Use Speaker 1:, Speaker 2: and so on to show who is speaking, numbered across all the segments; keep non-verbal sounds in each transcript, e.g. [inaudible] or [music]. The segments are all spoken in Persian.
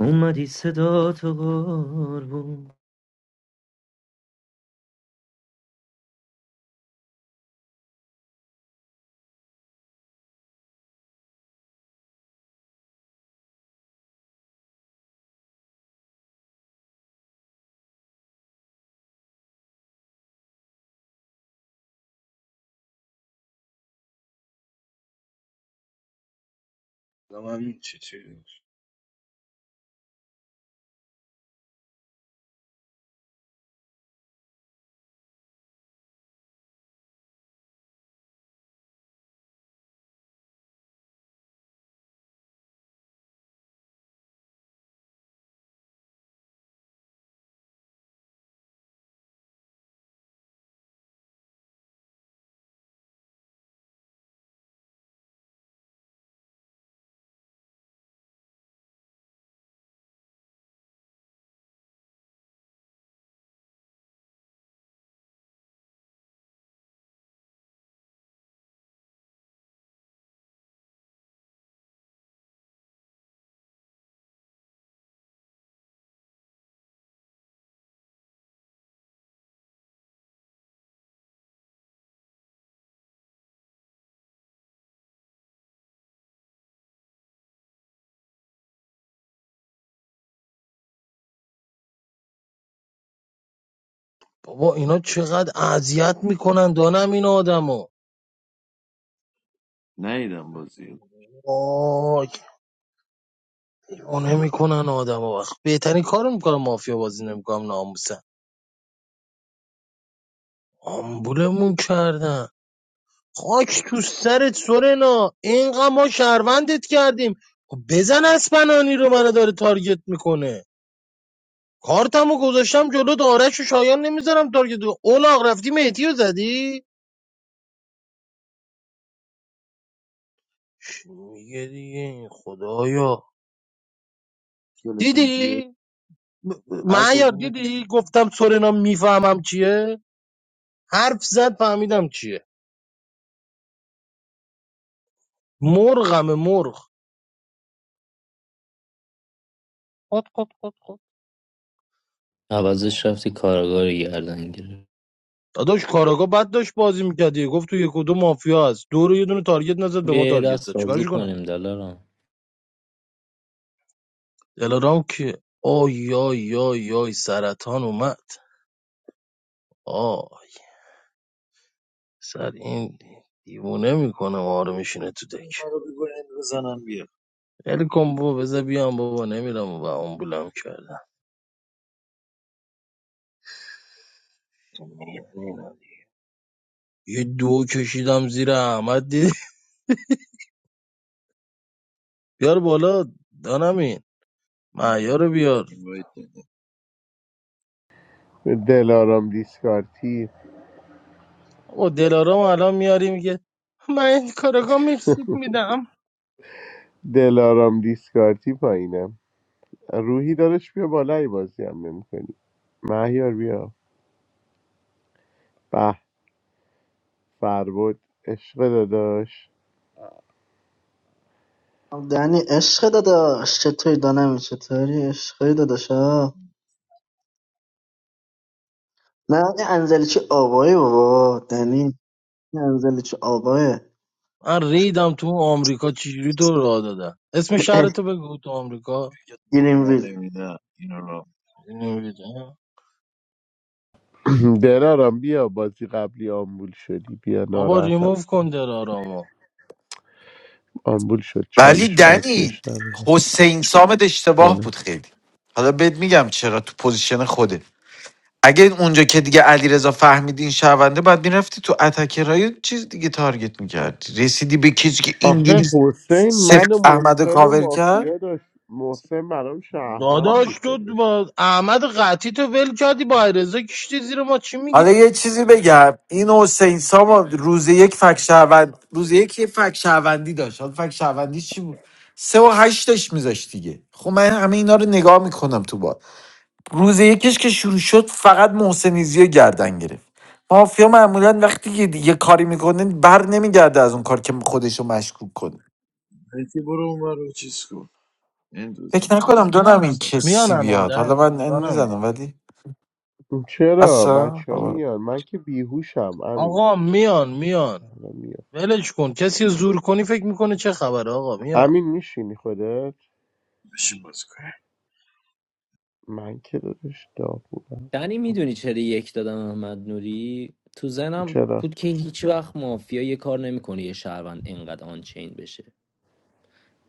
Speaker 1: اومدی صدا تو قربون
Speaker 2: Allow me to, to
Speaker 3: بابا اینا چقدر اذیت میکنن دانم این آدمو؟
Speaker 4: نیدم بازی رو.
Speaker 3: وای اونه میکنن آدمو وقت بهترین کارو میکنن مافیا بازی نمیکنم ناموسن آمبولمون کردن خاک تو سرت سورنا اینقدر ما شهروندت کردیم خب بزن اسپنانی رو منو داره تارگت میکنه کارتمو گذاشتم جلو آرش و شایان نمیذارم تارگت کنه. اولاغ رفتی مهدی رو زدی چی میگه دیگه خدایا
Speaker 4: گلتون
Speaker 3: دیدی
Speaker 4: چیه هر
Speaker 3: معیار
Speaker 4: کدومتون
Speaker 3: دیدی گفتم سورنا میفهمم چیه حرف زد فهمیدم چیه مرغم مرغ
Speaker 1: عوضش رفتی کارگار گردن گرفت
Speaker 3: داداش کاراگا بد داشت بازی میکردی گفت تو یک و دو مافیا هست دو رو یه دونه تارگت نزد به ما
Speaker 1: بیا یه
Speaker 3: تارگت زد
Speaker 1: دست بازی
Speaker 3: چیکارش کنم
Speaker 1: کنیم دلارم
Speaker 3: دلارام کیه آی آی آی آی سرطان اومد آه سر این دیوونه میکنم آره میشینه تو دک
Speaker 4: منو بکنین بزنم بیا
Speaker 3: ول کن بابا بذار بیام بابا نمیرم و آمبولم کردم یه دو کشیدم زیر احمد دیدی بیار بالا دانمین معیار رو بیار
Speaker 4: این باید دادم
Speaker 5: دلارام دیسکارتی
Speaker 3: او دلارام الان میاری میگه من این کارگاه مکزیک میدم
Speaker 5: دلارام دیسکارتی پایینم روحی دارش بیا بالای بازی هم نمیکنی مهیار بیا به فربود عشق داداش
Speaker 6: Danni, is he dead? What are you talking about? What are you talking about? Is he dead? Yeah. I'm talking about the guy who died. Danni, I'm talking about the guy who died.
Speaker 3: من ریدم تو آمریکا چجوری تو راه دادن اسم
Speaker 6: Eh,
Speaker 3: شهرتو بگو تو آمریکا
Speaker 4: دیگه راه
Speaker 6: Greenville.
Speaker 4: نمیده اینا را
Speaker 3: نمی‌دونم.
Speaker 5: [clears throat] دلارام بیا بازی قبلی آمبول شدی بیا
Speaker 3: بابا
Speaker 5: ناراحتم
Speaker 3: ریموف
Speaker 5: کرد
Speaker 3: کن دلارامو
Speaker 5: آمبول شد
Speaker 7: ولی
Speaker 5: چالش بک
Speaker 7: دنی
Speaker 5: بهش ندادم.
Speaker 7: حسین سامد اشتباه
Speaker 5: چاله
Speaker 7: بود خیلی حالا بهت میگم چرا تو پوزیشن خوده اگه اونجا که دیگه علیرضا فهمیدی این شونده بعد میرفتی تو اتکرای چیز دیگه تارگت میکردی رسیدی به کسی که
Speaker 5: آخه
Speaker 7: اینجوری
Speaker 5: حسین من و
Speaker 7: سفت احمد رو
Speaker 5: محسن و
Speaker 7: کاور کرد
Speaker 5: مافیا داشت محسن برام شهروند
Speaker 3: داداش
Speaker 5: بود
Speaker 3: تو
Speaker 5: داداش
Speaker 3: با احمد قطی تو ول کردی با ایرزا کشتی زیر ما چی
Speaker 7: حالا
Speaker 3: میگی
Speaker 7: یه چیزی بگم این حسین سام روز یک فک شهروند روز یک یه فک شهروندی داشت حالا فک شهروندی چی بود سه و هشتش میذاشت دیگه خب من همه اینا رو نگاه میکنم تو بازی روز یکیش که شروع شد فقط محسنیزی رو گردن گرفت مافیا معمولا وقتی یه یه کاری میکنه بر نمیگرده از اون کار که خودش رو مشکوک کنه
Speaker 4: مهدی برو اون ور رو چیز کن این دو زن
Speaker 7: فکر نکنم
Speaker 4: مهدی
Speaker 7: دونم این
Speaker 4: سلام
Speaker 3: میان
Speaker 7: کسی
Speaker 3: الان
Speaker 7: بیاد حالا
Speaker 3: دن-
Speaker 7: من این
Speaker 3: دانمین
Speaker 7: میزنم ولی
Speaker 5: چرا
Speaker 7: اصلا
Speaker 5: بچه ها
Speaker 7: بابا.
Speaker 5: میان من که بیهوشم امین
Speaker 3: آقا میان میان ولش کن کسی رو زور کنی فکر میکنه چه خبره آقا میان
Speaker 5: امین میشینی خودت
Speaker 4: بشین باز کنیم
Speaker 5: من که دادش داغ بودم
Speaker 1: دنی میدونی چرا یک دادم احمد نوری تو زنم
Speaker 5: چرا
Speaker 1: بود که هیچ وقت مافیا یه کار نمیکنه یه شهروند اینقدر آنچین بشه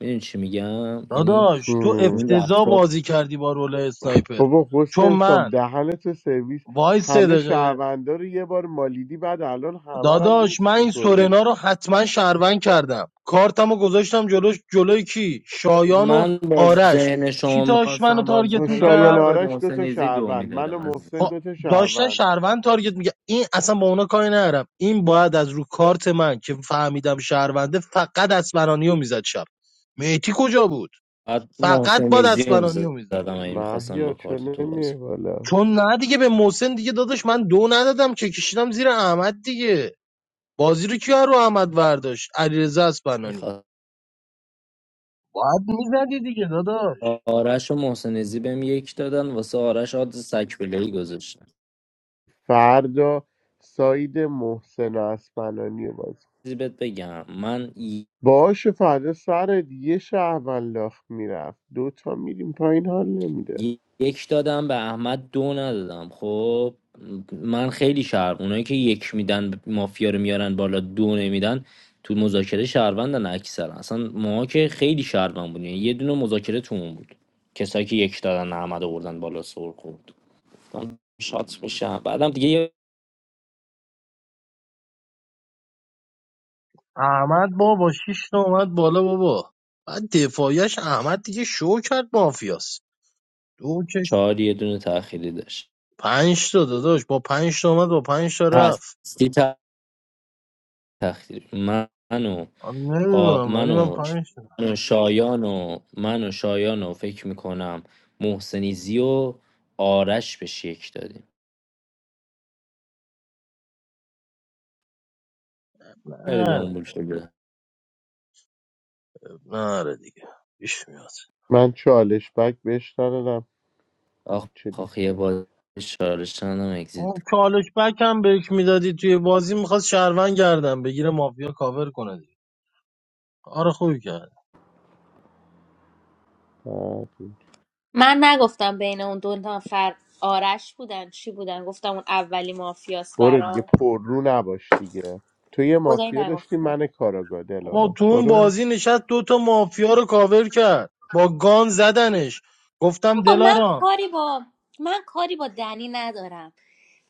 Speaker 1: میدونی چی میگم یعنی
Speaker 3: داداش تو
Speaker 5: هم.
Speaker 1: این
Speaker 3: افتضاح
Speaker 1: رفتار
Speaker 3: بازی کردی با رول اسنایپر
Speaker 5: بابا
Speaker 3: چون
Speaker 5: حسین سام
Speaker 3: من
Speaker 5: دهنتو سرویس
Speaker 3: وای
Speaker 5: همه
Speaker 3: صدقه
Speaker 5: شهروندا رو یه بار مالیدی بعد الان همه رو هم
Speaker 3: داداش من
Speaker 5: لیست
Speaker 3: این
Speaker 5: میکنی
Speaker 3: سورنا رو حتما شهروند کردم کارتم رو گذاشتم جلوش جلوی کی شایان و
Speaker 1: من با
Speaker 3: آرش
Speaker 1: ذهن
Speaker 3: کی
Speaker 1: شما
Speaker 3: داشت منو
Speaker 1: میخواستم بازی
Speaker 3: تارگت
Speaker 1: کنم
Speaker 5: شایان
Speaker 1: باید
Speaker 3: میکرد
Speaker 1: به
Speaker 5: آرش دوتا
Speaker 1: محسنیزی دو
Speaker 5: شهروند من و
Speaker 1: میدادم
Speaker 5: محسن
Speaker 3: خب
Speaker 1: عزیزم
Speaker 5: دوتا
Speaker 3: داشتن
Speaker 5: شهروند
Speaker 3: شهروند تارگت میگه این اصلا با اونا کاری ندارم این باید از رو کارت من که فهمیدم شهرونده فقط اسمرانی رو میزد شب میتی کجا بود
Speaker 1: بعد
Speaker 3: فقط با
Speaker 1: محسنیزی رو
Speaker 3: اسمرانی رو میزد
Speaker 1: میزدم این میخواستم با
Speaker 5: مهیار چه
Speaker 1: کارت تو بازی
Speaker 5: نمیه بالا
Speaker 3: چون نه دیگه به محسن دیگه داداش من دو ندادم که کشیدم زیر احمد دیگه بازی رو کیا رو احمد برداشت علیرضا اسپنانی
Speaker 1: کنم
Speaker 3: باید میزدی دیگه داداش
Speaker 1: آرش و محسن زی بهم یک دادن واسه آرش آدز سکبلهی گذاشتن
Speaker 5: فردا ساید محسن و اسفنانی باز
Speaker 1: چیزی بهت بگم من ی-
Speaker 5: باشه فردا سرت یه شهروند لاخت میرفت دوتا میریم پایین حال نمیده
Speaker 1: ی- یک دادم به احمد دو ندادم خب من خیلی شهر اونایی که یک میدن مافیا رو میارن بالا دو نمیدن تو مذاکره شهروندن اکثر اصلا ما که خیلی شهروند بودیم یعنی یه دونه مذاکره تو اون بود کسایی که یک دادن احمد آوردن بالا سر خورد من شات میشم بعدم دیگه یه
Speaker 3: احمد بابا شیش تا اومد بالا بابا بعد دفاعیش احمد دیگه شو کرد مافیاس دو کش
Speaker 1: چهار یه دونه تأخیری داشت
Speaker 3: پنج تا داداش با پنج تا اومد با پنج تا رفت
Speaker 1: هستی تخدیر من و
Speaker 3: من
Speaker 1: آ...
Speaker 3: نمیدونم
Speaker 1: من
Speaker 3: ولی من
Speaker 1: و
Speaker 3: پنج تا
Speaker 1: من و شایان و من و شایان و فکر میکنم محسنیزی و آرش به شیک دادیم خیلی دامبول
Speaker 3: نره
Speaker 1: شده
Speaker 3: نره دیگه پیش میاد
Speaker 5: من چالش بک بهش ندادم
Speaker 1: آخ
Speaker 5: بچه
Speaker 1: آخ یه
Speaker 5: دیسکارد
Speaker 1: بار شارشان هم
Speaker 3: اون
Speaker 1: اگزید
Speaker 3: چالش بک هم بهش میدادی توی بازی میخواست شهروند گردن بگیره مافیا کاور کنه دیگه کار خوبی کرد
Speaker 5: بعد.
Speaker 8: من نگفتم بین اون دو نفر آرش بودن چی بودن گفتم اون اولی مافیاس
Speaker 5: برو دیگه
Speaker 8: برام
Speaker 5: پررو نباش دیگه تو یه
Speaker 8: خدایی
Speaker 5: مافیا داشتی
Speaker 8: نگفتم
Speaker 5: من کاراگاه
Speaker 3: بابا
Speaker 5: دلارا
Speaker 3: تو اون
Speaker 5: برو
Speaker 3: بازی نشست دوتا مافیا رو کاور کرد با گان زدنش گفتم
Speaker 8: آقا من
Speaker 3: دلارام
Speaker 8: کاری با من کاری با دنی ندارم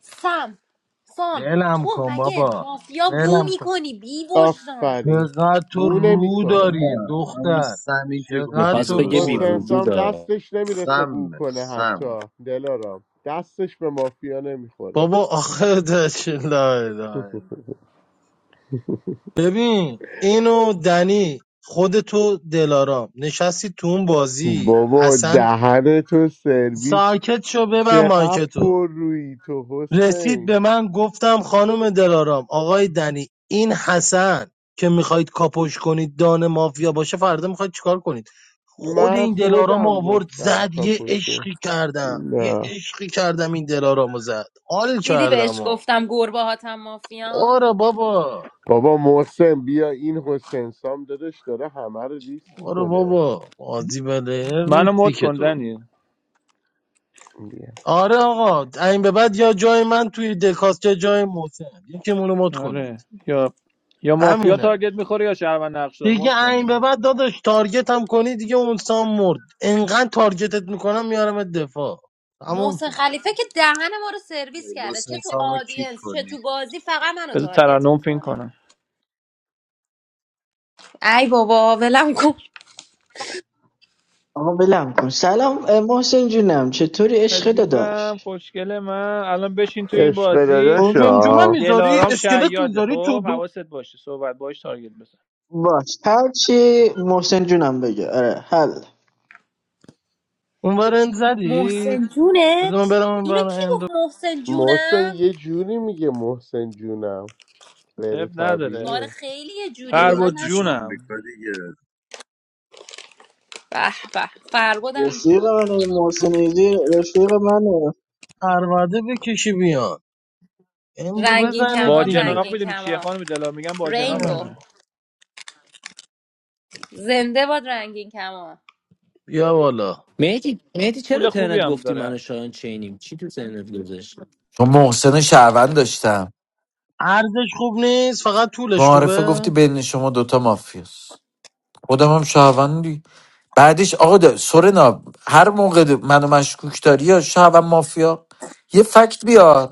Speaker 8: سم سام
Speaker 3: ولم
Speaker 8: تو
Speaker 3: کن
Speaker 8: مگه
Speaker 3: بابا
Speaker 8: مافیا بو
Speaker 3: ولم کن
Speaker 8: میکنی بی وجدان
Speaker 5: آفرین
Speaker 3: چقدر تو
Speaker 5: بو
Speaker 3: رو
Speaker 4: تا
Speaker 5: نمیکنه
Speaker 3: داری
Speaker 4: نه همون
Speaker 3: دختر
Speaker 4: سمی که
Speaker 3: چقدر
Speaker 4: گفتی
Speaker 1: میخواست
Speaker 3: تو
Speaker 1: بگه
Speaker 4: درست
Speaker 1: بی
Speaker 3: پر
Speaker 5: حسین
Speaker 4: داره
Speaker 3: روی
Speaker 1: وجود
Speaker 5: سام دستش نمیرسه بو
Speaker 4: سم
Speaker 5: کنه
Speaker 4: سم
Speaker 5: حتی دلارام دستش به مافیا نمیخوره
Speaker 3: بابا آخه داشت لا اله الا ببین اینو دنی خود تو دلارام نشستی تو اون بازی
Speaker 5: بابا
Speaker 3: حسن
Speaker 5: دهن تو سرویس
Speaker 3: ساکت شو ببن
Speaker 5: چقدر
Speaker 3: مایکتو
Speaker 5: پر روی تو
Speaker 3: رسید
Speaker 5: حسین
Speaker 3: به من گفتم خانم دلارام آقای دنی این حسن که میخواید کاپوش کنید دان مافیا باشه فردا میخواید چیکار کنید خود
Speaker 5: من
Speaker 3: این دلارام
Speaker 5: خودم
Speaker 3: آورد
Speaker 5: گفتم
Speaker 3: زد یه
Speaker 5: کاپوشو
Speaker 3: عشقی کردم یه
Speaker 5: نه
Speaker 3: عشقی کردم این دلارامو زد حال
Speaker 8: دیدی
Speaker 3: کردم
Speaker 8: بهش
Speaker 3: ها
Speaker 8: گفتم گربه هاتم مافیان
Speaker 3: آره بابا
Speaker 5: بابا محسن بیا این حسین سام دادش داره همه رو دیس
Speaker 3: آره
Speaker 5: میکنه
Speaker 3: بابا بازی بلر
Speaker 9: منو
Speaker 3: نیستی
Speaker 9: مد
Speaker 3: که
Speaker 9: کن
Speaker 3: تو
Speaker 9: دنی
Speaker 5: بیا
Speaker 3: آره آقا این به بعد یا جای من توی دکاس یا جای محسن یکی مونو مد کنید
Speaker 9: آره یا یا مافیا
Speaker 3: همینه
Speaker 9: تارگت میخوره یا شهروند نقشدار مد
Speaker 3: دیگه این
Speaker 9: کنی
Speaker 3: به بعد داداش تارگت هم کنی دیگه اون سام مرد انقدر تارگتت میکنم میارمت دفاع تموم
Speaker 8: محسن
Speaker 3: شد
Speaker 8: خلیفه که دهن ما رو سرویس کرده چه
Speaker 4: حسین
Speaker 8: تو
Speaker 4: سامو کیک
Speaker 8: آدینس چه
Speaker 4: کنی
Speaker 8: تو بازی فقط منو
Speaker 9: بذار
Speaker 8: تارگت
Speaker 9: ترنم فین
Speaker 8: میکنه
Speaker 9: کنم
Speaker 8: ای بابا ولم کن
Speaker 6: But let me ask you. Hello, I'm Mosencio. What are you talking about?
Speaker 9: عزیزم خوشگل من الان بشین تو این
Speaker 5: عشق
Speaker 9: بازی
Speaker 6: Who?
Speaker 3: جمجمه
Speaker 5: داداشا
Speaker 3: میذاری
Speaker 9: دلارام
Speaker 3: اسکلت
Speaker 9: شیاده
Speaker 3: میذاری تو
Speaker 9: خب
Speaker 3: دو
Speaker 9: حواست باشه صحبت باش تارگت بزن
Speaker 6: What? What are you talking about? What are you talking about? What
Speaker 3: اونور اند
Speaker 8: محسن
Speaker 3: زدید بذار من
Speaker 8: جونت
Speaker 3: برم اونور
Speaker 8: اینو کی
Speaker 3: اندو
Speaker 8: گفت محسن
Speaker 5: محسن
Speaker 8: جونم
Speaker 5: یه جوری میگه محسن جونم غیر
Speaker 9: اب نداره
Speaker 8: آره
Speaker 5: طبیعیه
Speaker 8: خیلی یه جوری بود من
Speaker 9: فرود
Speaker 4: دوبارتش
Speaker 8: ندیدم
Speaker 4: آمریکا
Speaker 9: جونم
Speaker 4: دیگه
Speaker 8: به به
Speaker 6: are you talking about? What are you
Speaker 8: فربودم
Speaker 6: talking about? What are you talking
Speaker 3: پرواده بکشی بیان اندو
Speaker 8: رنگین
Speaker 3: بزنید
Speaker 9: با
Speaker 8: کمان
Speaker 3: دیگه
Speaker 9: جناق
Speaker 8: رنگین
Speaker 9: میدونی چیه
Speaker 8: کمان
Speaker 9: خانم دلار میگم با
Speaker 3: من
Speaker 8: رینبو
Speaker 9: جناقمه
Speaker 3: اندو.
Speaker 8: زنده باد رنگین کمان
Speaker 3: بیا والا.
Speaker 1: مهدی مهدی چرا
Speaker 9: پول خوبی
Speaker 1: ترنت
Speaker 9: هم
Speaker 1: گفتی من
Speaker 9: داره
Speaker 1: و شایان چینیم چی تو ترنت گذاشت
Speaker 7: چون محسن شهروند داشتم
Speaker 3: ارزش خوب نیست فقط طولش
Speaker 7: معارفه
Speaker 3: خوبه
Speaker 7: گفتی بین شما دوتا مافیاست خودم هم شهروندی بعدش آقا دا- سورنا هر موقع منو مشکوک داری یا شهروند مافیا یه فکت بیار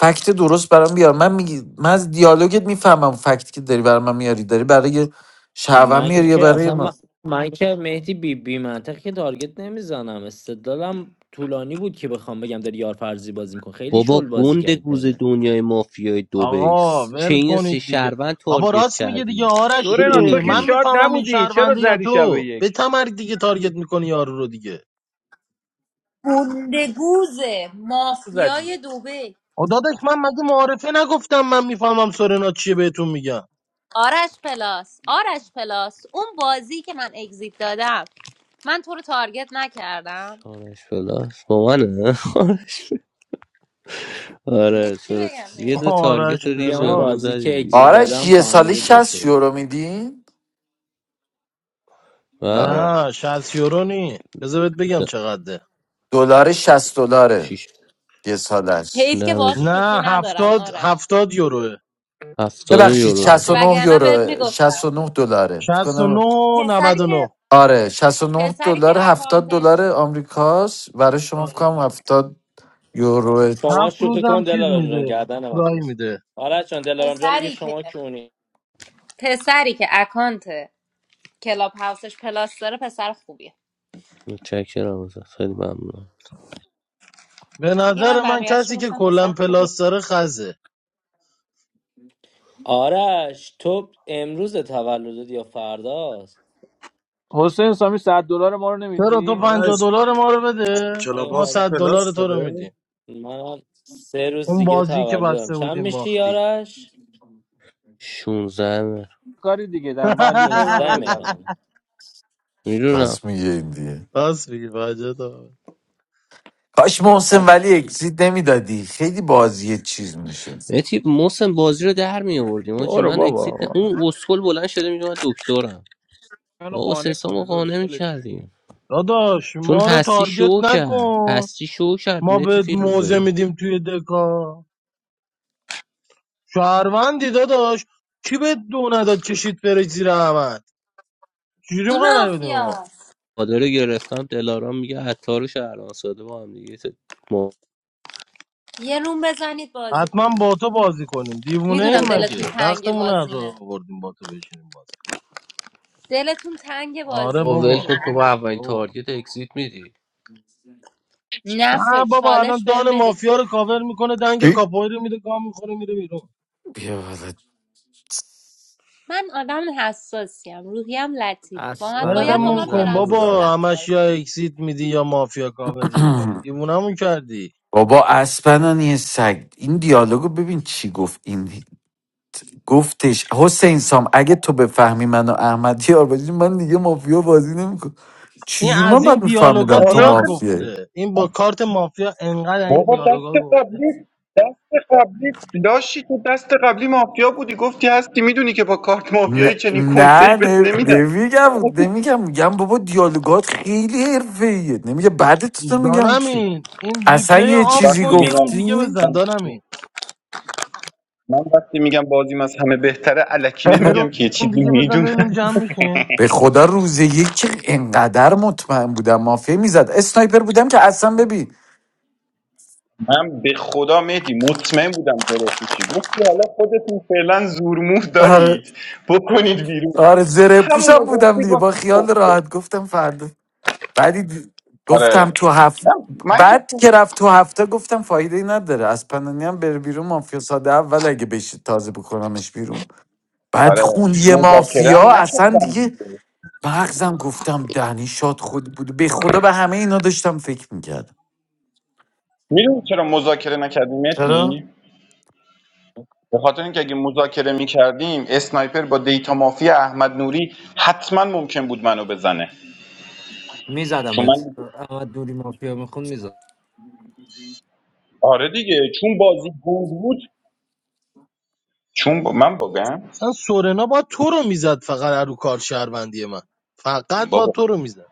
Speaker 7: فکت درست برام بیار من میگی من از دیالوگت میفهمم فکتی که داری برای میاری داری برای شعبم
Speaker 1: من
Speaker 7: میاری یا
Speaker 1: که
Speaker 7: برای
Speaker 1: اصلا من,
Speaker 7: ما
Speaker 1: من که مهدی بی, بی منطق که تارگت نمیزنم استدلالم طولانی بود که بخوام بگم داری یار فرضی بازی میکن خیلی
Speaker 10: بابا
Speaker 1: شل بازی
Speaker 10: گنده
Speaker 1: کردی
Speaker 10: گوز
Speaker 1: ترنه
Speaker 10: دنیای مافیای دوبی
Speaker 3: آقا ول
Speaker 10: چین سه
Speaker 3: کنید دیگه
Speaker 10: شهروند
Speaker 3: بابا
Speaker 10: تارگت
Speaker 3: راست میگه دیگه
Speaker 10: کردی چی
Speaker 3: آرش
Speaker 10: داری
Speaker 9: سورنا تو
Speaker 3: دیگه
Speaker 9: که
Speaker 3: من
Speaker 10: میگی
Speaker 9: شاد
Speaker 3: میفهمم این
Speaker 9: نبودی چرا
Speaker 3: شهرونده یا
Speaker 9: زدی شب
Speaker 3: تو
Speaker 9: یک
Speaker 3: به تمرگ دیگه تارگت میکنی یارو رو دیگه
Speaker 8: گندگوزه
Speaker 9: چرا
Speaker 8: مافیای
Speaker 9: زدی
Speaker 8: دوبه
Speaker 3: آ داداش من مگه معارفه نگفتم من میفهمم سورنا چیه بهتون میگم
Speaker 8: آرش پلاس آرش پلاس اون بازی که من اگزیت دادم من تو رو تارگت نکردم
Speaker 10: شانش پلاس با منه [laughs]
Speaker 8: دیگه
Speaker 10: آره
Speaker 8: چی
Speaker 10: چرا
Speaker 8: بگم
Speaker 10: یه
Speaker 8: دیگه
Speaker 10: دونه تارگت
Speaker 3: آرش
Speaker 1: میگم
Speaker 10: ریز
Speaker 1: اون
Speaker 10: بهمون
Speaker 3: پلاس
Speaker 1: بازی
Speaker 10: زدی
Speaker 1: که اگزیت
Speaker 10: دیگه
Speaker 7: آرش
Speaker 1: دادم
Speaker 7: یه سالی
Speaker 1: فهمیده تو
Speaker 7: 60
Speaker 1: شوی
Speaker 7: یورو میدین
Speaker 10: و
Speaker 7: آره
Speaker 3: نه 60 یورو نی بذار بهت بگم
Speaker 10: د-
Speaker 3: چقدره
Speaker 7: دلار 60 دلاره
Speaker 10: شیش
Speaker 7: یه سالش
Speaker 8: حیف که
Speaker 10: نه
Speaker 8: باهات
Speaker 10: بزن
Speaker 8: شوخی
Speaker 3: نه
Speaker 8: ندارم
Speaker 3: هفتاد
Speaker 8: آرش
Speaker 3: هفتاد یوروه
Speaker 10: هفتاد
Speaker 7: ببخشید
Speaker 10: یورو
Speaker 3: هفتاد
Speaker 7: 69
Speaker 3: یورو.
Speaker 8: وگرنه بهت
Speaker 7: یورو
Speaker 8: میگفتم
Speaker 7: 69 دلاره فکر
Speaker 3: 69
Speaker 7: کنم
Speaker 3: و نه
Speaker 8: پسری
Speaker 3: نود و
Speaker 8: که
Speaker 3: نه.
Speaker 7: آره 69
Speaker 8: پسری که
Speaker 7: دلار 70 دلار
Speaker 8: اکانتش
Speaker 7: آمریکاست برای شما فکر
Speaker 3: آره.
Speaker 7: کنم 70 یورو
Speaker 1: شما
Speaker 3: هفت
Speaker 1: شوخی
Speaker 3: روزم
Speaker 1: کن
Speaker 3: چیز
Speaker 1: دلارام جان
Speaker 3: میده
Speaker 1: گردن
Speaker 3: فرای
Speaker 1: من
Speaker 3: میده
Speaker 1: آرش جان دلارام جان میگه
Speaker 8: پسری که
Speaker 1: شما کیونی
Speaker 8: پسری که اکانت کلاب هاوسش پلاس داره پسر خوبیه
Speaker 10: متشکرم ازت خیلی ممنونم
Speaker 3: به
Speaker 8: دیگه
Speaker 3: نظر
Speaker 8: من
Speaker 3: من
Speaker 8: بقیهش رو
Speaker 3: کسی که
Speaker 8: گفتم پسر
Speaker 3: کلا
Speaker 8: خوبیه
Speaker 3: پلاس داره خزه
Speaker 1: آرش تو امروز تولدت یا فرداست
Speaker 9: حسین سامی 100 دلار ما رو
Speaker 3: چرا تو
Speaker 9: نمیدی
Speaker 3: پنجاه
Speaker 4: آرش
Speaker 3: دلار ما رو بده ما
Speaker 4: کلاباس و
Speaker 1: ایول،
Speaker 3: 100 دلار
Speaker 4: پلاس
Speaker 3: تو رو
Speaker 4: داره
Speaker 3: میدیم
Speaker 1: من سه روز
Speaker 3: اون
Speaker 1: دیگه
Speaker 3: بازی که
Speaker 1: تولدم
Speaker 3: بسته
Speaker 1: چند
Speaker 3: بودیم
Speaker 1: میشی
Speaker 3: باختی
Speaker 1: آرش
Speaker 10: 16
Speaker 9: کاری دیگه در پنجاه
Speaker 3: [laughs]
Speaker 9: تای منو
Speaker 1: 15
Speaker 9: بده الان
Speaker 1: مهران
Speaker 10: میدونم
Speaker 7: راست میگه این دیگه
Speaker 3: راست میگی مجید آقا.
Speaker 7: کاش
Speaker 1: چند
Speaker 7: محسن ولی اگزیت نمیدادی خیلی بازی چیز میشد
Speaker 10: متی موسم بازی رو در می آوردیم آجی
Speaker 9: برو
Speaker 10: من
Speaker 9: بابا
Speaker 10: اکسیت نه- اون اسکل بلند شده میگه من دکترم
Speaker 9: منو
Speaker 10: آقا سه
Speaker 9: قانع
Speaker 10: سامو
Speaker 9: کنه داداش
Speaker 10: قانع
Speaker 9: ولش
Speaker 10: میکردیم
Speaker 3: داداش
Speaker 10: چون
Speaker 3: ما رو
Speaker 10: هستی
Speaker 3: تارگت
Speaker 10: شو کرد
Speaker 3: نکن
Speaker 10: هستی شو کرد
Speaker 3: ما
Speaker 10: مهدی
Speaker 3: به موزه
Speaker 10: فیروزه
Speaker 3: میدیم توی دکا شهروندی داداش کی به دو نداد کشید بره زیر احمد چجوری میخوای رای بدیم
Speaker 8: مافیا
Speaker 3: ما
Speaker 10: مادر رو گرفتم دلارام میگه عطار و شهران ساده با هم دیگه ت- ما
Speaker 8: یه روم بزنید بازی
Speaker 3: حتما
Speaker 8: کنید
Speaker 3: با تو بازی کنیم دیوونه
Speaker 8: میدونم
Speaker 3: این
Speaker 6: about? [laughs]
Speaker 8: دلتون
Speaker 3: مگه
Speaker 8: تنگ
Speaker 3: وقتمون هر
Speaker 8: بازیمه
Speaker 3: رو آوردیم با تو بشینیم بازی کنیم.
Speaker 8: دلتون تنگ
Speaker 3: آره
Speaker 8: بازیمه
Speaker 10: ول کن
Speaker 3: بابا
Speaker 10: تو
Speaker 8: میدونم
Speaker 10: با اولین
Speaker 3: بابا
Speaker 10: تارگت اکسیت میدی
Speaker 8: نه
Speaker 3: نه
Speaker 8: نخه
Speaker 3: بابا
Speaker 8: چالش
Speaker 3: الان
Speaker 8: بهم
Speaker 3: دان
Speaker 8: بدید
Speaker 3: مافیا رو کاور میکنه دنگ کاپوی رو میده گام میخوره میره بیرون
Speaker 7: بیا والا.
Speaker 8: من آدم حساسیم روحیم لطیفه باید باید
Speaker 1: اسفنانی
Speaker 8: با
Speaker 1: رو
Speaker 3: ولمون
Speaker 8: من
Speaker 3: کن
Speaker 1: زده
Speaker 8: پرنسسی
Speaker 3: بابا
Speaker 1: بودم
Speaker 3: همش
Speaker 8: رفتار
Speaker 3: یا
Speaker 8: کنید
Speaker 3: اکسیت میدی یا مافیا کاور میکنی
Speaker 7: [clears throat]
Speaker 3: دیوونمون کردی
Speaker 7: بابا اسپنانی سگ این دیالوگو ببین چی گفت این گفتش حسین سام اگه تو بفهمی من و احمد یار باشیم من دیگه مافیا بازی نمیکنم
Speaker 3: این
Speaker 7: چجوری
Speaker 3: از
Speaker 7: من
Speaker 3: این
Speaker 7: باید
Speaker 3: دیالوگا
Speaker 7: میفهمیدم تو
Speaker 11: آره
Speaker 3: زیاد
Speaker 11: آخه
Speaker 7: مافیایی
Speaker 3: گفته این با کارت مافیا انقدر این
Speaker 11: بابا
Speaker 3: دیالوگا
Speaker 11: دست
Speaker 3: گفته
Speaker 11: قبلی دست قبلی لاشی تو دست قبلی مافیا بودی گفتی هستی میدونی که با کارت مافیایی
Speaker 7: نه
Speaker 11: چنین کنسه‌ای
Speaker 7: نه
Speaker 11: بهت
Speaker 7: نه،
Speaker 11: نمیدم
Speaker 7: نمیگم نمیگم میگم بابا دیالوگات خیلی حرفه‌ایه نمیگم بعد تو میگم چی
Speaker 3: دانمین این
Speaker 7: اصلا
Speaker 3: ریپلی
Speaker 7: یه
Speaker 3: آف
Speaker 7: چیزی
Speaker 11: وقتی
Speaker 3: کن یه روم
Speaker 11: میگم
Speaker 3: دیگه
Speaker 7: گفتی
Speaker 3: بزن
Speaker 11: من
Speaker 3: دانمین
Speaker 11: من وقتی میگم بازیم از همه بهتره الکی
Speaker 3: یه
Speaker 11: نمیگم که یه
Speaker 3: روم
Speaker 11: چیزی
Speaker 3: دیگه بزن
Speaker 11: میدونم
Speaker 3: ببینیم جمع میشه
Speaker 7: به خدا روز یک که انقدر مطمئن بودم مافیا میزد اسنایپر بودم که اصلا ببین
Speaker 11: من به خدا مهدی مطمئن بودم درست میشی گفتی حالا خودتون فعلا زورموه
Speaker 7: آره
Speaker 11: دارید بکنید بیرون
Speaker 7: آره زره پوشم
Speaker 11: همونو
Speaker 7: بودم
Speaker 11: گفتی
Speaker 7: دیگه با
Speaker 11: گفتم
Speaker 7: خیال
Speaker 11: خب، خب.
Speaker 7: راحت گفتم فردا بعدی دی- گفتم
Speaker 11: آره
Speaker 7: تو هفت
Speaker 11: نه، من که
Speaker 7: بعد که رفت تو هفته گفتم فایده ای نداره از پنانی هم بره بیرون مافیا ساده اول اگه بشه تازه بکنمش بیرون بعد
Speaker 11: آره
Speaker 7: خون یه
Speaker 11: مذاکره
Speaker 7: مافیا
Speaker 11: هم
Speaker 7: اصلا
Speaker 11: نکردم
Speaker 7: دیگه
Speaker 11: دیگه
Speaker 7: مغزم گفتم دهنی شاد خود بود به خدا به همه اینا داشتم فکر میکردم
Speaker 11: میدونی چرا مذاکره نکردیم
Speaker 7: چرا؟
Speaker 11: متی به خاطر اینکه اگه مذاکره میکردیم اسنایپر با دیتا مافیا احمد نوری حتما ممکن بود منو بزنه چون
Speaker 1: میزدمت
Speaker 11: من
Speaker 1: احمد دوری مافیا میخون میزد.
Speaker 11: آره دیگه چون بازی گنگ بود چون با... من باگم
Speaker 3: مثلا سورنا با تو رو میزد فقط رو کار شهروندی من فقط با تو رو میزد